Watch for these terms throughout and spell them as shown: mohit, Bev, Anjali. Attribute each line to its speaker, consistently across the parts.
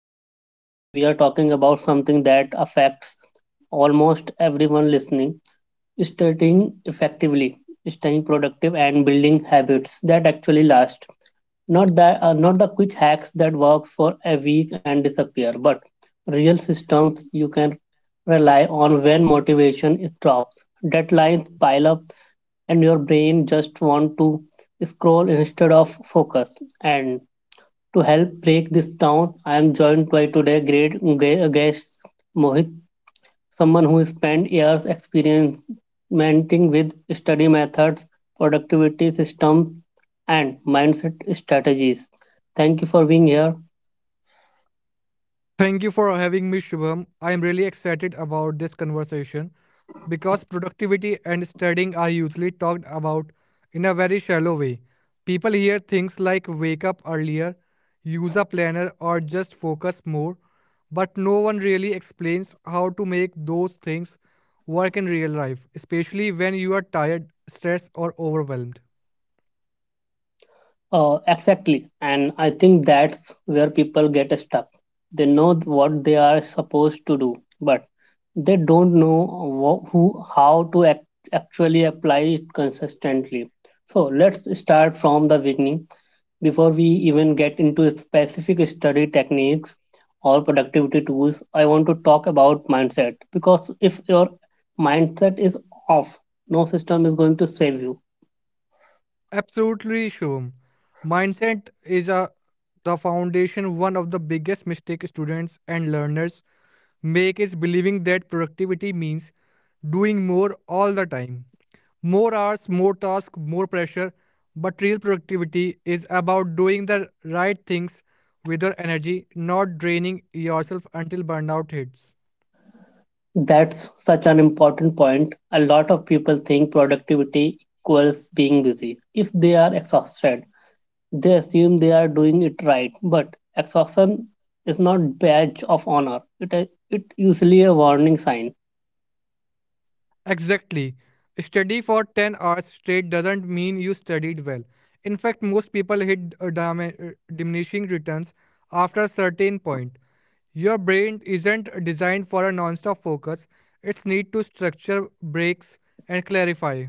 Speaker 1: deep one. We are talking about something that affects almost everyone listening, studying effectively, staying productive, and building habits that actually last, not that not the quick hacks that works for a week and disappear, but real systems you can rely on when motivation is drops, deadlines pile up, and your brain just want to scroll instead of focus. And to help break this down, I am joined by today great guest Mohit, someone who spent years experimenting with study methods, productivity systems, and mindset strategies. Thank you for being here.
Speaker 2: Thank you for having me, Shubham. I am really excited about this conversation because productivity and studying are usually talked about in a very shallow way. People hear things like wake up earlier, use a planner, or just focus more, but no one really explains how to make those things work in real life, especially when you are tired, stressed, or overwhelmed.
Speaker 1: Exactly. And I think that's where people get stuck. They know what they are supposed to do, but they don't know how to actually apply it consistently. So let's start from the beginning. Before we even get into specific study techniques or productivity tools, I want to talk about mindset because if your mindset is off, no system is going to save you.
Speaker 2: Absolutely, Shubham. Mindset is a the foundation. One of the biggest mistake students and learners make is believing that productivity means doing more all the time. More hours, more tasks, more pressure. But real productivity is about doing the right things with your energy, not draining yourself until burnout hits.
Speaker 1: That's such an important point. A lot of people think productivity equals being busy. If they are exhausted, they assume they are doing it right, but exhaustion is not badge of honor. It usually a warning sign.
Speaker 2: Exactly. Study for 10 hours straight doesn't mean you studied well. In fact, most people hit diminishing returns after a certain point. Your brain isn't designed for a non-stop focus. It's need to structure, breaks, and clarify.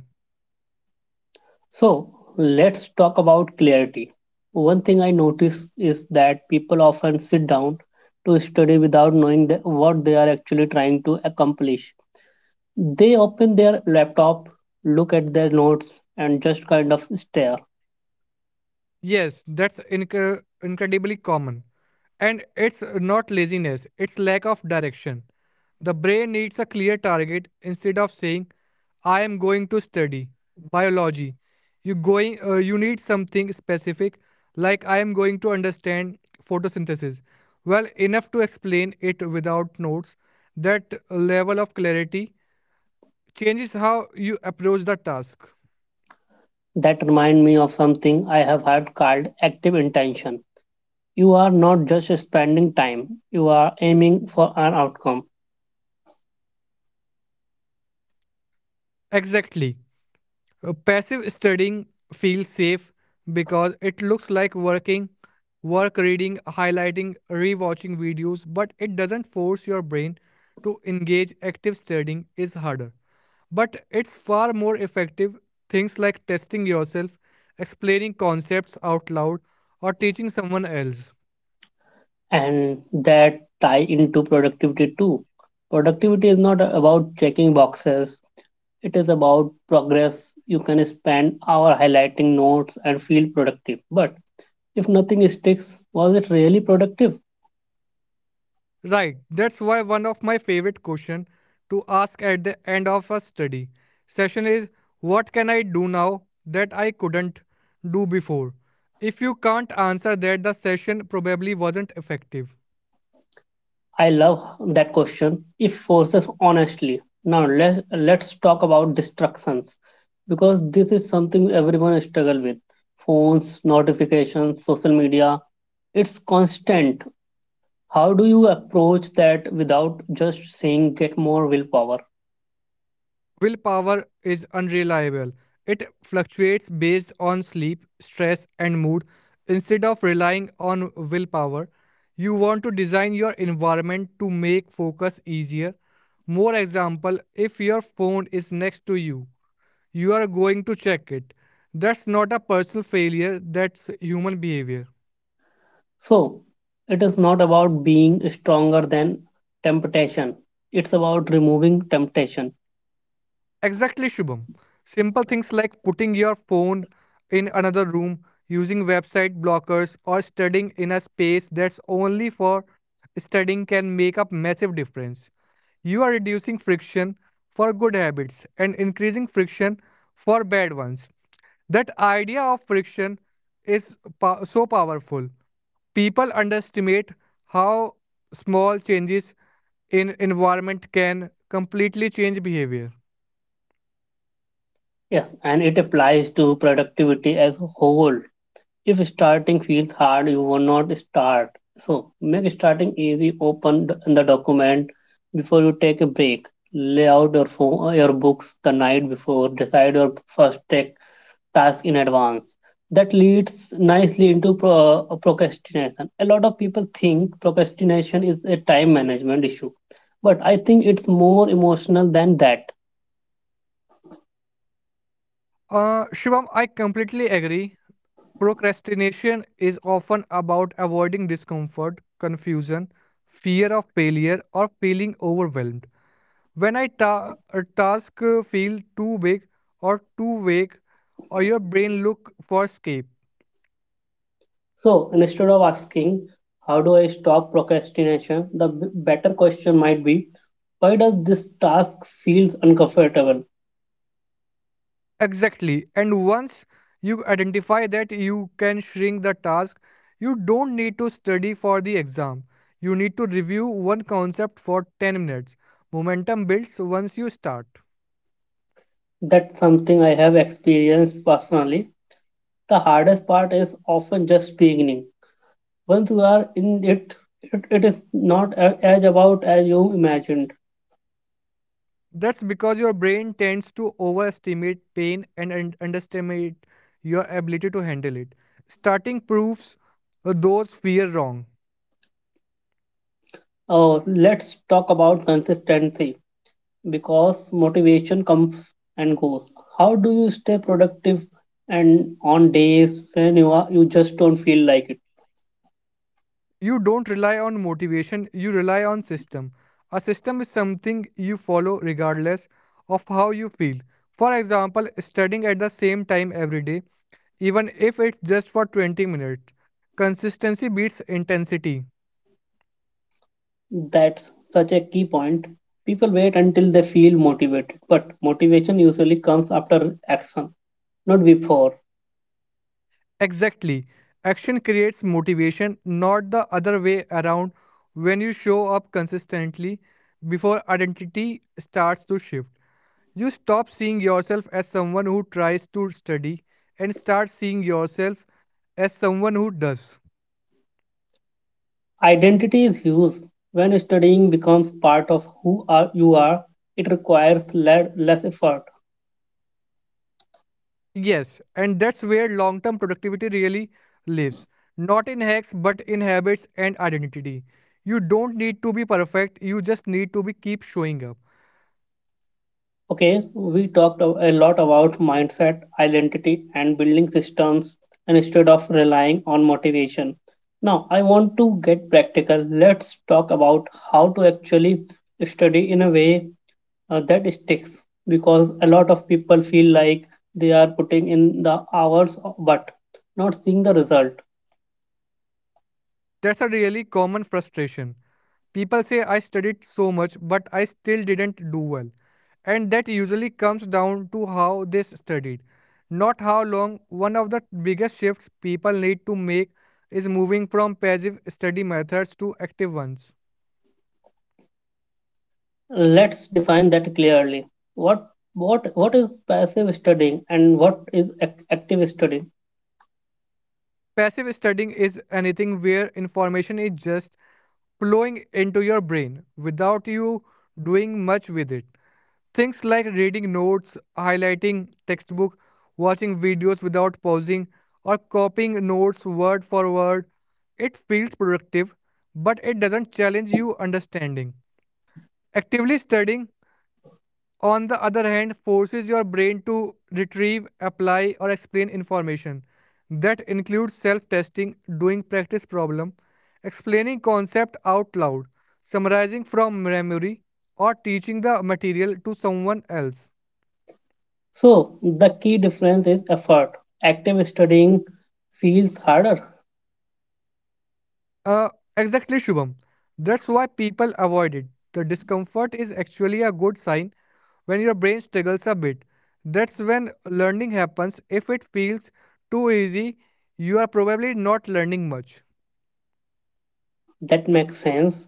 Speaker 1: So let's talk about clarity. One thing I notice is that people often sit down to study without knowing what they are actually trying to accomplish. They open their laptop, look at their notes, and just kind of stare.
Speaker 2: Yes, that's incredibly common. And it's not laziness, it's lack of direction. The brain needs a clear target instead of saying, I am going to study biology. You going you need something specific like I am going to understand photosynthesis. Well, enough to explain it without notes. That level of clarity changes how you approach the task.
Speaker 1: That reminds me of something I have heard called active intention. You are not just spending time, you are aiming for an outcome.
Speaker 2: Exactly. Passive studying feels safe because it looks like working, work reading, highlighting, rewatching videos, but it doesn't force your brain to engage. Active studying is harder, but it's far more effective. Things like testing yourself, explaining concepts out loud, or teaching someone else.
Speaker 1: And that tie into productivity too. Productivity is not about checking boxes. It is about progress. You can spend hour highlighting notes and feel productive. But if nothing sticks, was it really productive?
Speaker 2: Right, that's why one of my favorite questions to ask at the end of a study session is what can I do now that I couldn't do before? If you can't answer that, the session probably wasn't effective.
Speaker 1: I love that question. It forces honestly. Now let's talk about distractions because this is something everyone struggle with. Phones, notifications, social media. It's constant. How do you approach that without just saying get more willpower?
Speaker 2: Willpower is unreliable. It fluctuates based on sleep, stress, and mood. Instead of relying on willpower, you want to design your environment to make focus easier. More example, if your phone is next to you, you are going to check it. That's not a personal failure, that's human behavior.
Speaker 1: So, it is not about being stronger than temptation. It's about removing temptation.
Speaker 2: Exactly, Shubham. Simple things like putting your phone in another room, using website blockers, or studying in a space that's only for studying can make a massive difference. You are reducing friction for good habits and increasing friction for bad ones. That idea of friction is so powerful. People underestimate how small changes in environment can completely change behavior.
Speaker 1: Yes, and it applies to productivity as a whole. If starting feels hard, you will not start. So, make starting easy. Open the document before you take a break. Lay out your phone, your books the night before. Decide your first tech task in advance. That leads nicely into procrastination. A lot of people think procrastination is a time management issue, but I think it's more emotional than that.
Speaker 2: Shubham, I completely agree. Procrastination is often about avoiding discomfort, confusion, fear of failure, or feeling overwhelmed. When a task feel too big or too vague, or your brain look for escape.
Speaker 1: So instead of asking, how do I stop procrastination? The better question might be, why does this task feels uncomfortable?
Speaker 2: Exactly. And once you identify that you can shrink the task, you don't need to study for the exam. You need to review one concept for 10 minutes. Momentum builds once you start.
Speaker 1: That's something I have experienced personally. The hardest part is often just beginning. Once you are in it, it is not as about as you imagined.
Speaker 2: That's because your brain tends to overestimate pain and underestimate your ability to handle it. Starting proves those fear wrong.
Speaker 1: Oh, let's talk about consistency because motivation comes and goes. How do you stay productive and on days when you just don't feel like it?
Speaker 2: You don't rely on motivation, you rely on system. A system is something you follow regardless of how you feel. For example, studying at the same time every day, even if it's just for 20 minutes. Consistency beats intensity.
Speaker 1: That's such a key point. People wait until they feel motivated, but motivation usually comes after action, not before.
Speaker 2: Exactly. Action creates motivation, not the other way around. When you show up consistently, before identity starts to shift, you stop seeing yourself as someone who tries to study and start seeing yourself as someone who does.
Speaker 1: Identity is huge. When studying becomes part of you are, it requires less effort.
Speaker 2: Yes, and that's where long term productivity really lives. Not in hacks, but in habits and identity. You don't need to be perfect, you just need to be keep showing up.
Speaker 1: Okay, we talked a lot about mindset, identity, and building systems instead of relying on motivation. Now, I want to get practical. Let's talk about how to actually study in a way that sticks because a lot of people feel like they are putting in the hours, but not seeing the result.
Speaker 2: That's a really common frustration. People say I studied so much, but I still didn't do well. And that usually comes down to how they studied, not how long. One of the biggest shifts people need to make is moving from passive study methods to active ones.
Speaker 1: Let's define that clearly. What what is passive studying and what is active studying?
Speaker 2: Passive studying is anything where information is just flowing into your brain without you doing much with it. Things like reading notes, highlighting textbook, watching videos without pausing, or copying notes word for word. It feels productive, but it doesn't challenge your understanding. Actively studying, on the other hand, forces your brain to retrieve, apply, or explain information. That includes self testing, doing practice problem, explaining concept out loud, summarizing from memory, or teaching the material to someone else.
Speaker 1: So the key difference is effort. Active studying feels harder.
Speaker 2: Uh, exactly, Shubham. That's why people avoid it. The discomfort is actually a good sign when your brain struggles a bit. That's when learning happens. If it feels too easy, you are probably not learning much.
Speaker 1: That makes sense.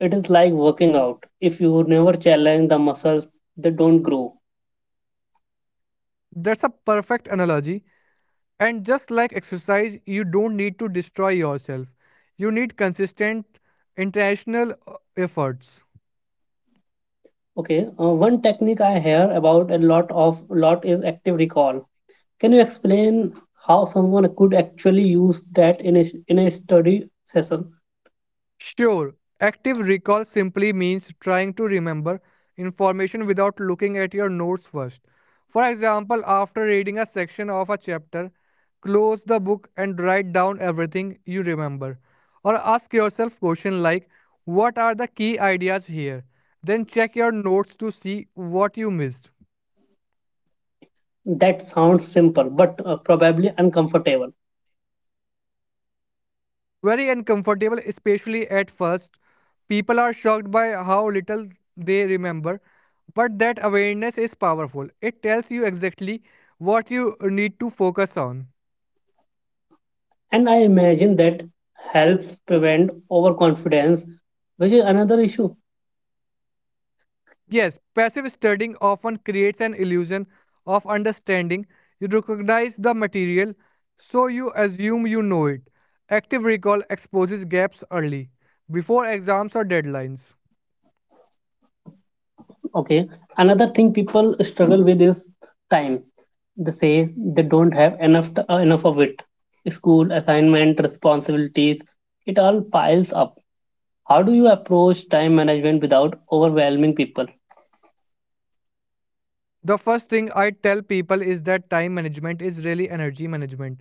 Speaker 1: It is like working out. If you never challenge the muscles, they don't grow.
Speaker 2: That's a perfect analogy. And just like exercise, you don't need to destroy yourself. You need consistent international efforts.
Speaker 1: Okay. One technique I hear about a lot is active recall. Can you explain how someone could actually use that in a study session?
Speaker 2: Sure, active recall simply means trying to remember information without looking at your notes first. For example, after reading a section of a chapter, close the book and write down everything you remember. Or ask yourself questions like, what are the key ideas here? Then check your notes to see what you missed.
Speaker 1: That sounds simple, but probably uncomfortable.
Speaker 2: Very uncomfortable, especially at first. People are shocked by how little they remember, but that awareness is powerful. It tells you exactly what you need to focus on.
Speaker 1: And I imagine that helps prevent overconfidence, which is another issue.
Speaker 2: Yes, passive studying often creates an illusion of understanding. You recognize the material, so you assume you know it. Active recall exposes gaps early, before exams or deadlines.
Speaker 1: Okay. Another thing people struggle with is time. They say they don't have enough enough of it. School, assignment, responsibilities, it all piles up. How do you approach time management without overwhelming people?
Speaker 2: The first thing I tell people is that time management is really energy management.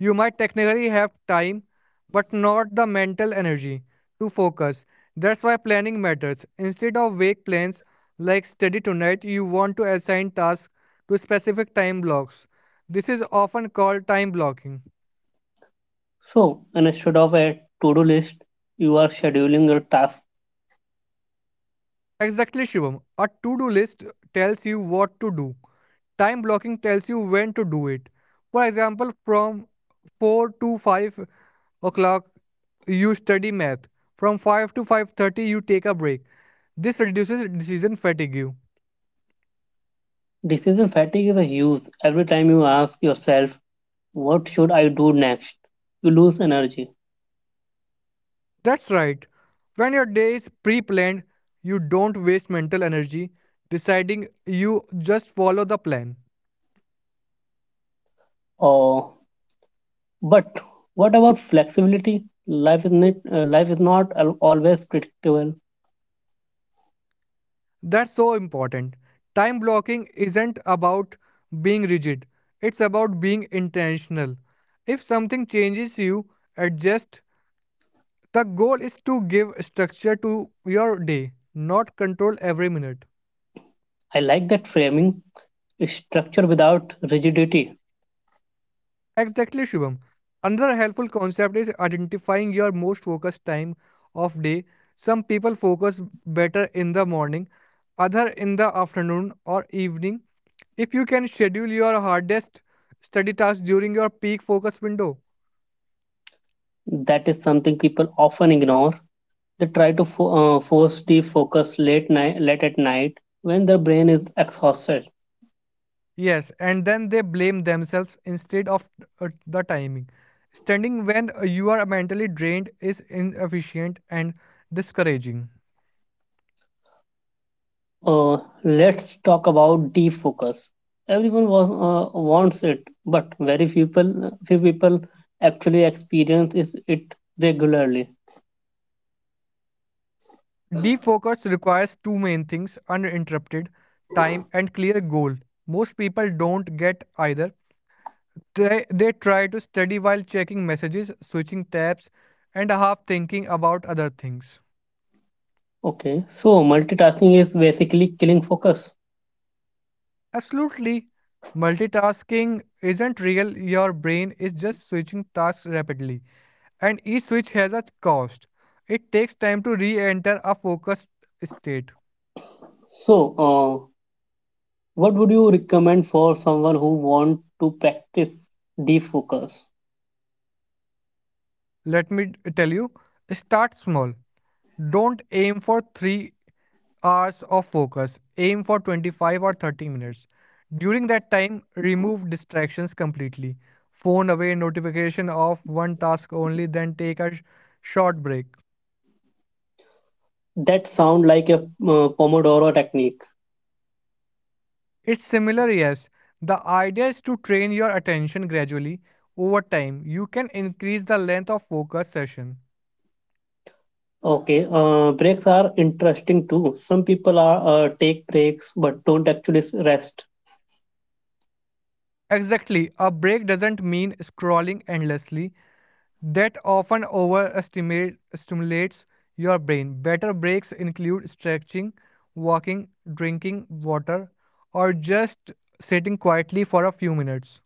Speaker 2: You might technically have time, but not the mental energy to focus. That's why planning matters. Instead of vague plans like study tonight, you want to assign tasks to specific time blocks. This is often called time blocking.
Speaker 1: So, instead of a to-do list, you are scheduling your tasks.
Speaker 2: Exactly, Shivam. A to do list tells you what to do. Time blocking tells you when to do it. For example, from 4 to 5 o'clock, you study math. From 5 to 5:30, you take a break. This reduces decision fatigue.
Speaker 1: Decision fatigue is a huge. Every time you ask yourself, what should I do next? You lose energy.
Speaker 2: That's right. When your day is pre-planned, you don't waste mental energy deciding. You just follow the plan.
Speaker 1: Oh, but what about flexibility? Life is not, always predictable.
Speaker 2: That's so important. Time blocking isn't about being rigid, it's about being intentional. If something changes, you adjust. The goal is to give structure to your day, not control every minute.
Speaker 1: I like that framing. Structure without rigidity.
Speaker 2: Exactly, Shubham. Another helpful concept is identifying your most focused time of day. Some people focus better in the morning, other in the afternoon or evening. If you can schedule your hardest study tasks during your peak focus window,
Speaker 1: That is something people often ignore. They try to force deep focus late at night, when their brain is exhausted.
Speaker 2: yes, and then they blame themselves instead of the timing. Standing when you are mentally drained is inefficient and discouraging.
Speaker 1: Uh, let's talk about defocus. Everyone wants it, but few people actually experience is it regularly.
Speaker 2: Defocus requires two main things uninterrupted time and clear goal. Most people don't get either. They try to study while checking messages, switching tabs, and half thinking about other things.
Speaker 1: Okay, so multitasking is basically killing focus.
Speaker 2: Absolutely, multitasking isn't real. Your brain is just switching tasks rapidly, and each switch has a cost. It takes time to re enter a focused state.
Speaker 1: So, what would you recommend for someone who want to practice defocus?
Speaker 2: Let me tell you start small. Don't aim for 3 hours of focus. Aim for 25 or 30 minutes. During that time, remove distractions completely. Phone away notification off, one task only, then take a short break.
Speaker 1: That sound like a Pomodoro technique.
Speaker 2: It's similar, yes. The idea is to train your attention gradually over time. You can increase the length of focus session.
Speaker 1: Okay, breaks are interesting too. Some people are take breaks but don't actually rest.
Speaker 2: Exactly, a break doesn't mean scrolling endlessly. That often overestimate stimulates your brain. Better breaks include stretching, walking, drinking water, or just sitting quietly for a few minutes.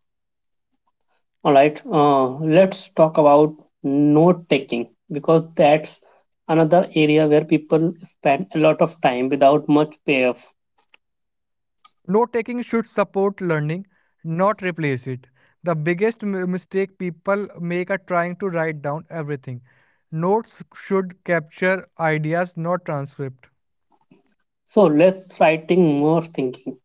Speaker 1: All right, let's talk about note taking because that's another area where people spend a lot of time without much payoff.
Speaker 2: Note taking should support learning, not replace it. The biggest mistake people make are trying to write down everything. Notes should capture ideas, not transcript.
Speaker 1: So let's writing more thinking.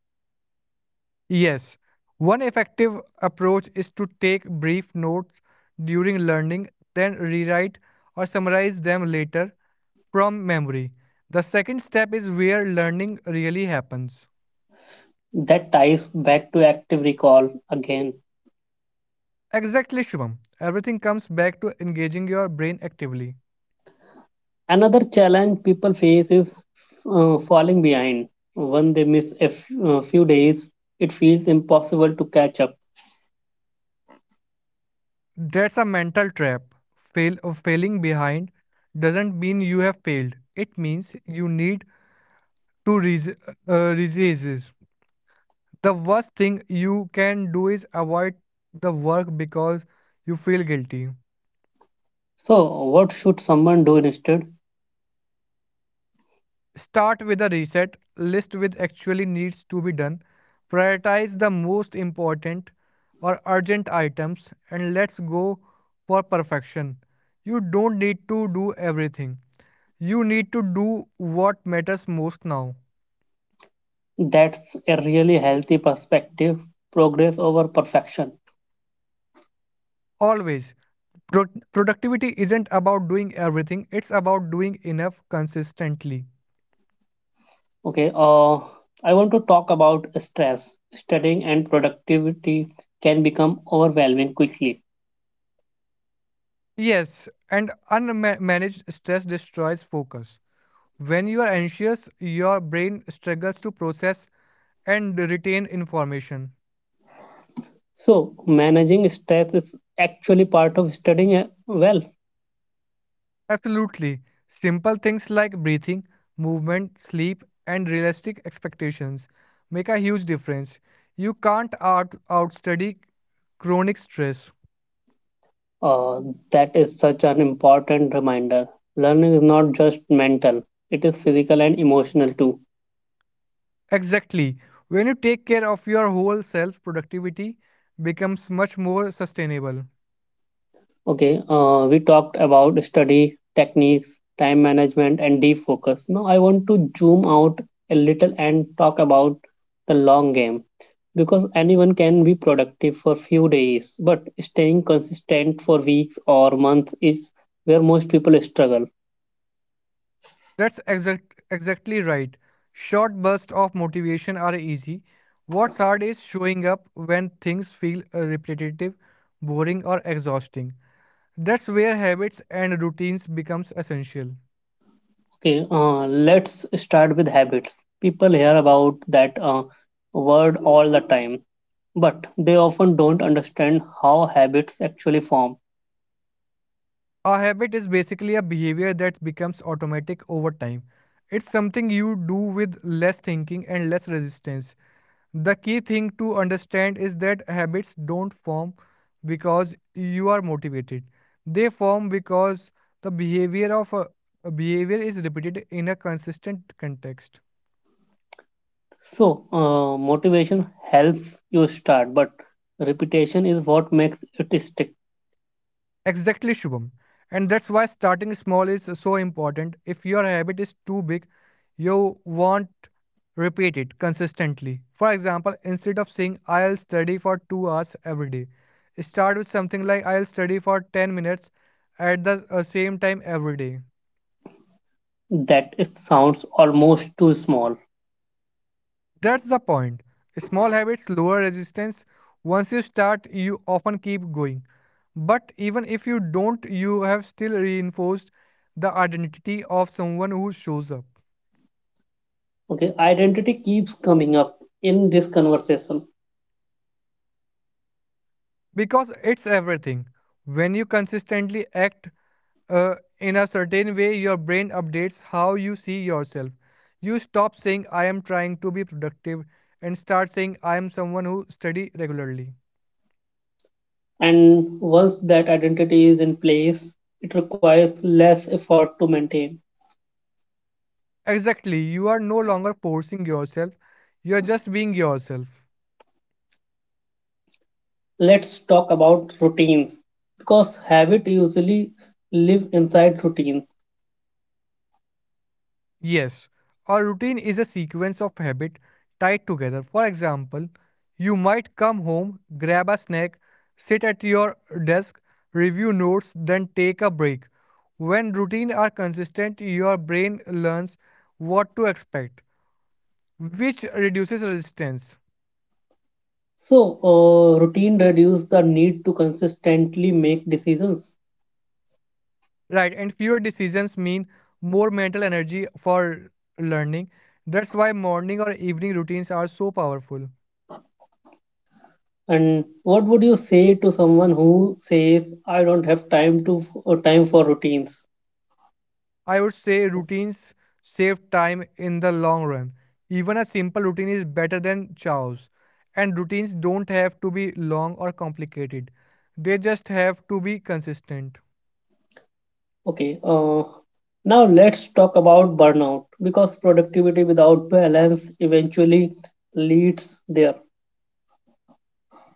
Speaker 2: Yes, one effective approach is to take brief notes during learning, then rewrite or summarize them later from memory. The second step is where learning really happens.
Speaker 1: That ties back to active recall again.
Speaker 2: Exactly, Shubham. Everything comes back to engaging your brain actively.
Speaker 1: Another challenge people face is falling behind. When they miss a few days, it feels impossible to catch up.
Speaker 2: That's a mental trap. Failing behind doesn't mean you have failed. It means you need to resist. The worst thing you can do is avoid the work because you feel guilty.
Speaker 1: So, what should someone do instead?
Speaker 2: Start with a reset list with actually needs to be done. Prioritize the most important or urgent items and let's go for perfection. You don't need to do everything. You need to do what matters most now.
Speaker 1: That's a really healthy perspective, progress over perfection.
Speaker 2: Always. Pro- Productivity isn't about doing everything, it's about doing enough consistently.
Speaker 1: Okay, I want to talk about stress. Studying and productivity can become overwhelming quickly.
Speaker 2: Yes, and unmanaged stress destroys focus. When you are anxious, your brain struggles to process and retain information.
Speaker 1: So, managing stress is actually part of studying well.
Speaker 2: Absolutely. Simple things like breathing, movement, sleep, and realistic expectations make a huge difference. You can't out outstudy chronic stress.
Speaker 1: Uh, that is such an important reminder. Learning is not just mental, it is physical and emotional too.
Speaker 2: Exactly. When you take care of your whole self, productivity becomes much more sustainable.
Speaker 1: Okay, we talked about study techniques, time management, and deep focus. Now, I want to zoom out a little and talk about the long game because anyone can be productive for few days, but staying consistent for weeks or months is where most people struggle.
Speaker 2: That's exactly right. Short bursts of motivation are easy. What's hard is showing up when things feel repetitive, boring, or exhausting. That's where habits and routines becomes essential.
Speaker 1: Okay, let's start with habits. People hear about that word all the time, but they often don't understand how habits actually form.
Speaker 2: A habit is basically a behavior that becomes automatic over time. It's something you do with less thinking and less resistance. The key thing to understand is that habits don't form because you are motivated. They form because the behavior of a behavior is repeated in a consistent context.
Speaker 1: So, motivation helps you start, but repetition is what makes it stick.
Speaker 2: Exactly, Shubham. And that's why starting small is so important. If your habit is too big, you won't repeat it consistently. For example, instead of saying I'll study for 2 hours every day, start with something like I'll study for 10 minutes at the same time every day.
Speaker 1: That it sounds almost too small.
Speaker 2: That's the point. Small habits lower resistance. Once you start, you often keep going. But even if you don't, you have still reinforced the identity of someone who shows up.
Speaker 1: Okay, identity keeps coming up in this conversation.
Speaker 2: Because it's everything. When you consistently act in a certain way, your brain updates how you see yourself. You stop saying, I am trying to be productive, and start saying, I am someone who study regularly.
Speaker 1: And once that identity is in place, it requires less effort to maintain.
Speaker 2: Exactly, you are no longer forcing yourself, you are just being yourself.
Speaker 1: Let's talk about routines because habit usually live inside routines.
Speaker 2: Yes, a routine is a sequence of habits tied together. For example, you might come home, grab a snack, sit at your desk, review notes, then take a break. When routines are consistent, your brain learns what to expect, which reduces resistance.
Speaker 1: So, routine reduce the need to consistently make decisions.
Speaker 2: Right, and fewer decisions mean more mental energy for learning. That's why morning or evening routines are so powerful.
Speaker 1: And what would you say to someone who says, "I don't have time to time for routines"?
Speaker 2: I would say routines save time in the long run. Even a simple routine is better than chaos. And routines don't have to be long or complicated, they just have to be consistent.
Speaker 1: Okay, now let's talk about burnout because productivity without balance eventually leads there.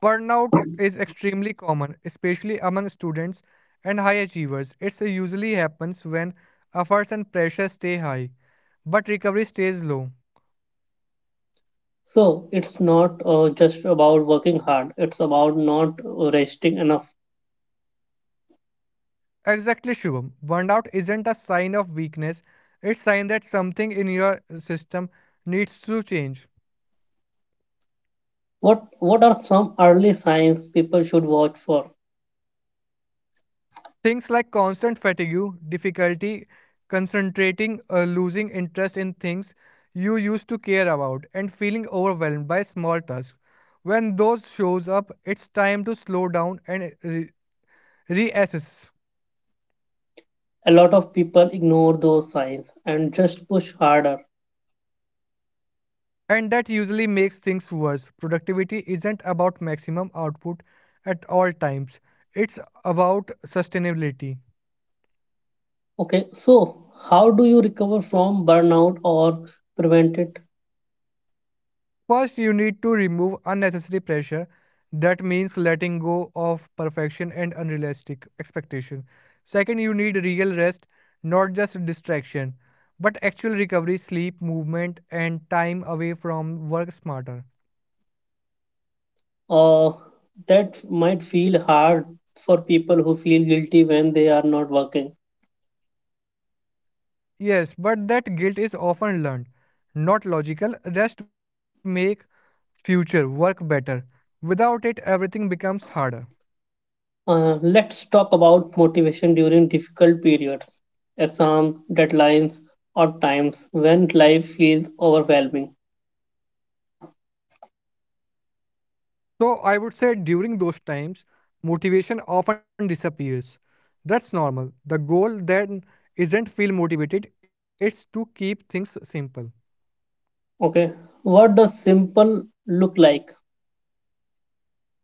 Speaker 2: Burnout is extremely common, especially among students and high achievers. It usually happens when efforts and pressure stay high, but recovery stays low.
Speaker 1: So it's not just about working hard; it's about not resting enough.
Speaker 2: Exactly, Shubham. Burnout isn't a sign of weakness, it's a sign that something in your system needs to change.
Speaker 1: What are some early signs people should watch for?
Speaker 2: Things like constant fatigue, difficulty concentrating, losing interest in things you used to care about, and feeling overwhelmed by small tasks. When those shows up, it's time to slow down and reassess.
Speaker 1: A lot of people ignore those signs and just push harder.
Speaker 2: And that usually makes things worse. Productivity isn't about maximum output at all times. It's about sustainability.
Speaker 1: Okay, so how do you recover from burnout or prevent it?
Speaker 2: First, you need to remove unnecessary pressure. That means letting go of perfection and unrealistic expectation. Second, you need real rest, not just distraction, but actual recovery, sleep, movement, and time away from work smarter.
Speaker 1: Uh, that might feel hard for people who feel guilty when they are not working.
Speaker 2: Yes, but that guilt is often learned, not logical. Rest make future work better. Without it, everything becomes harder.
Speaker 1: Let's talk about motivation during difficult periods, exams, deadlines, or times when life feels overwhelming.
Speaker 2: So I would say during those times, motivation often disappears. That's normal. The goal then isn't feel motivated, it's to keep things simple.
Speaker 1: Okay, what does simple look like?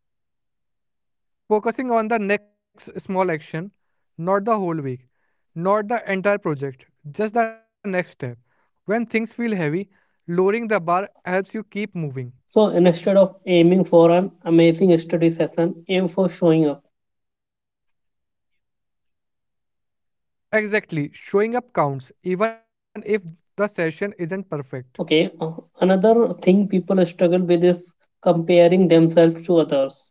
Speaker 2: Focusing on the next small action, not the whole week, not the entire project, just the next step. When things feel heavy, lowering the bar helps you keep moving.
Speaker 1: So instead of aiming for an amazing study session, aim for showing up.
Speaker 2: Exactly, showing up counts even if the session isn't perfect.
Speaker 1: Okay, another thing people struggle with is comparing themselves to others.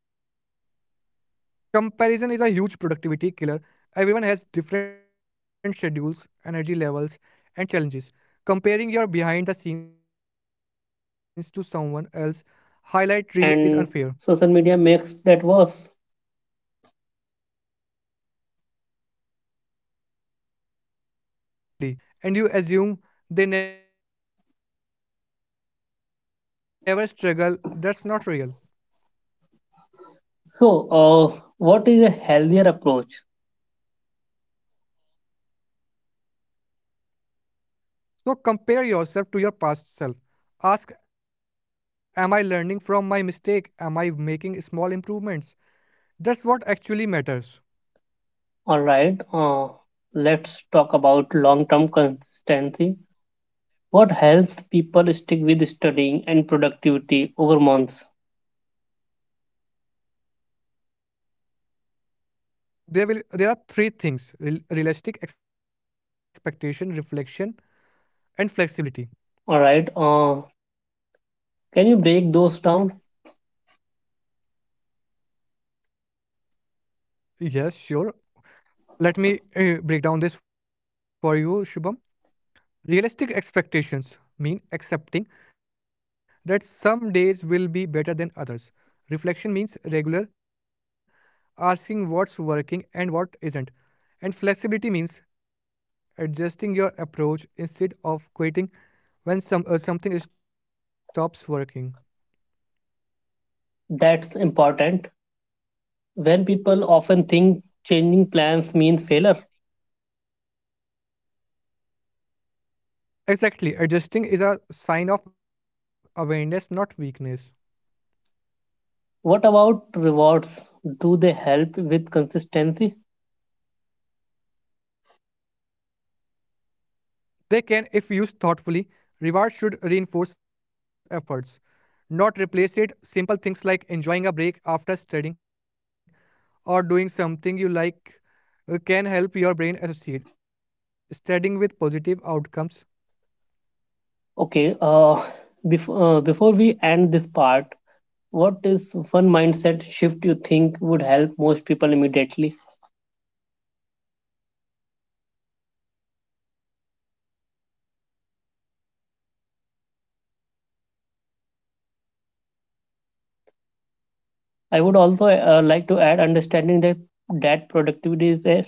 Speaker 2: Comparison is a huge productivity killer. Everyone has different schedules, energy levels, and challenges. Comparing your behind the scenes to someone else's highlight reel is unfair.
Speaker 1: And social media makes that worse.
Speaker 2: Absolutely. You see people studying for hours being disciplined every day, and you assume they never struggle. That's not real.
Speaker 1: So, what is a healthier approach?
Speaker 2: So compare yourself to your past self. Ask, am I learning from my mistake? Am I making small improvements? That's what actually matters.
Speaker 1: All right, let's talk about long term consistency. What helps people stick with studying and productivity over months?
Speaker 2: There are three things: real, realistic expectation, reflection, and flexibility.
Speaker 1: All right, can you break those down?
Speaker 2: Yes, sure, let me break down this for you, Shubham. Realistic expectations mean accepting that some days will be better than others. Reflection means regular asking what's working and what isn't. And flexibility means adjusting your approach instead of quitting when something stops working.
Speaker 1: That's important. When people often think changing plans means failure,
Speaker 2: Exactly. Adjusting is a sign of awareness, not weakness.
Speaker 1: what about rewards? Do they help with consistency?
Speaker 2: They can, if used thoughtfully, reward should reinforce efforts, not replace it. Simple things like enjoying a break after studying or doing something you like can help your brain associate studying with positive outcomes.
Speaker 1: Okay, before we end this part, what is one mindset shift you think would help most people immediately?
Speaker 2: Understanding that productivity is a skill, not a personality trait. You are not you are not bad at studying. You
Speaker 1: I
Speaker 2: just
Speaker 1: would also
Speaker 2: haven't
Speaker 1: like
Speaker 2: found.
Speaker 1: to add understanding that productivity is a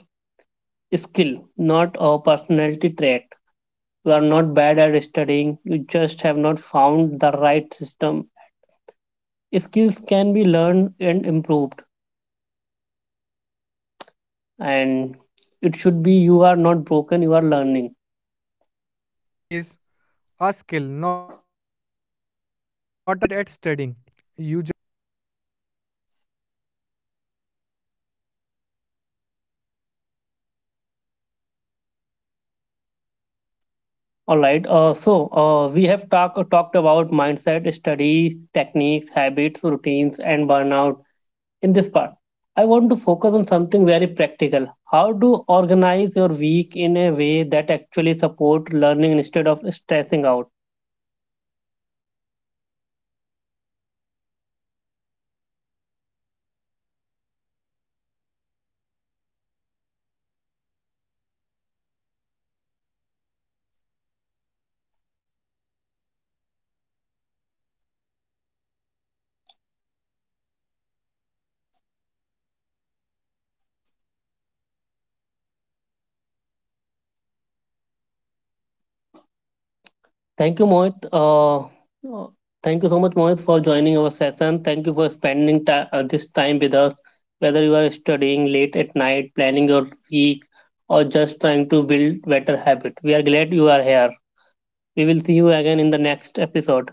Speaker 1: skill, not a personality trait. You are not bad at studying, you just have not found the right system. Skills can be learned and improved,
Speaker 2: That's
Speaker 1: and
Speaker 2: incredibly
Speaker 1: it should be
Speaker 2: encouraging.
Speaker 1: you are not broken, you are learning.
Speaker 2: Exactly. So, that's a
Speaker 1: All right.
Speaker 2: great
Speaker 1: Uh,
Speaker 2: place
Speaker 1: so
Speaker 2: to
Speaker 1: uh,
Speaker 2: go.
Speaker 1: we have talked about mindset, study, techniques, habits, routines, and burnout. In this part, I want to focus on something very practical: how to organize your week in a way that actually support learning instead of stressing out.
Speaker 2: Yes, when everything feels important, nothing really is. Choosing priorities forces you to focus on what actually matters.
Speaker 1: Thank you, Mohit. Uh, Thank you so much, Mohit, for joining our session. Thank you for spending this time with us. Whether you are studying late at night, planning your week, or just trying to build better habit, we are glad you are here. We will see you again in the next episode.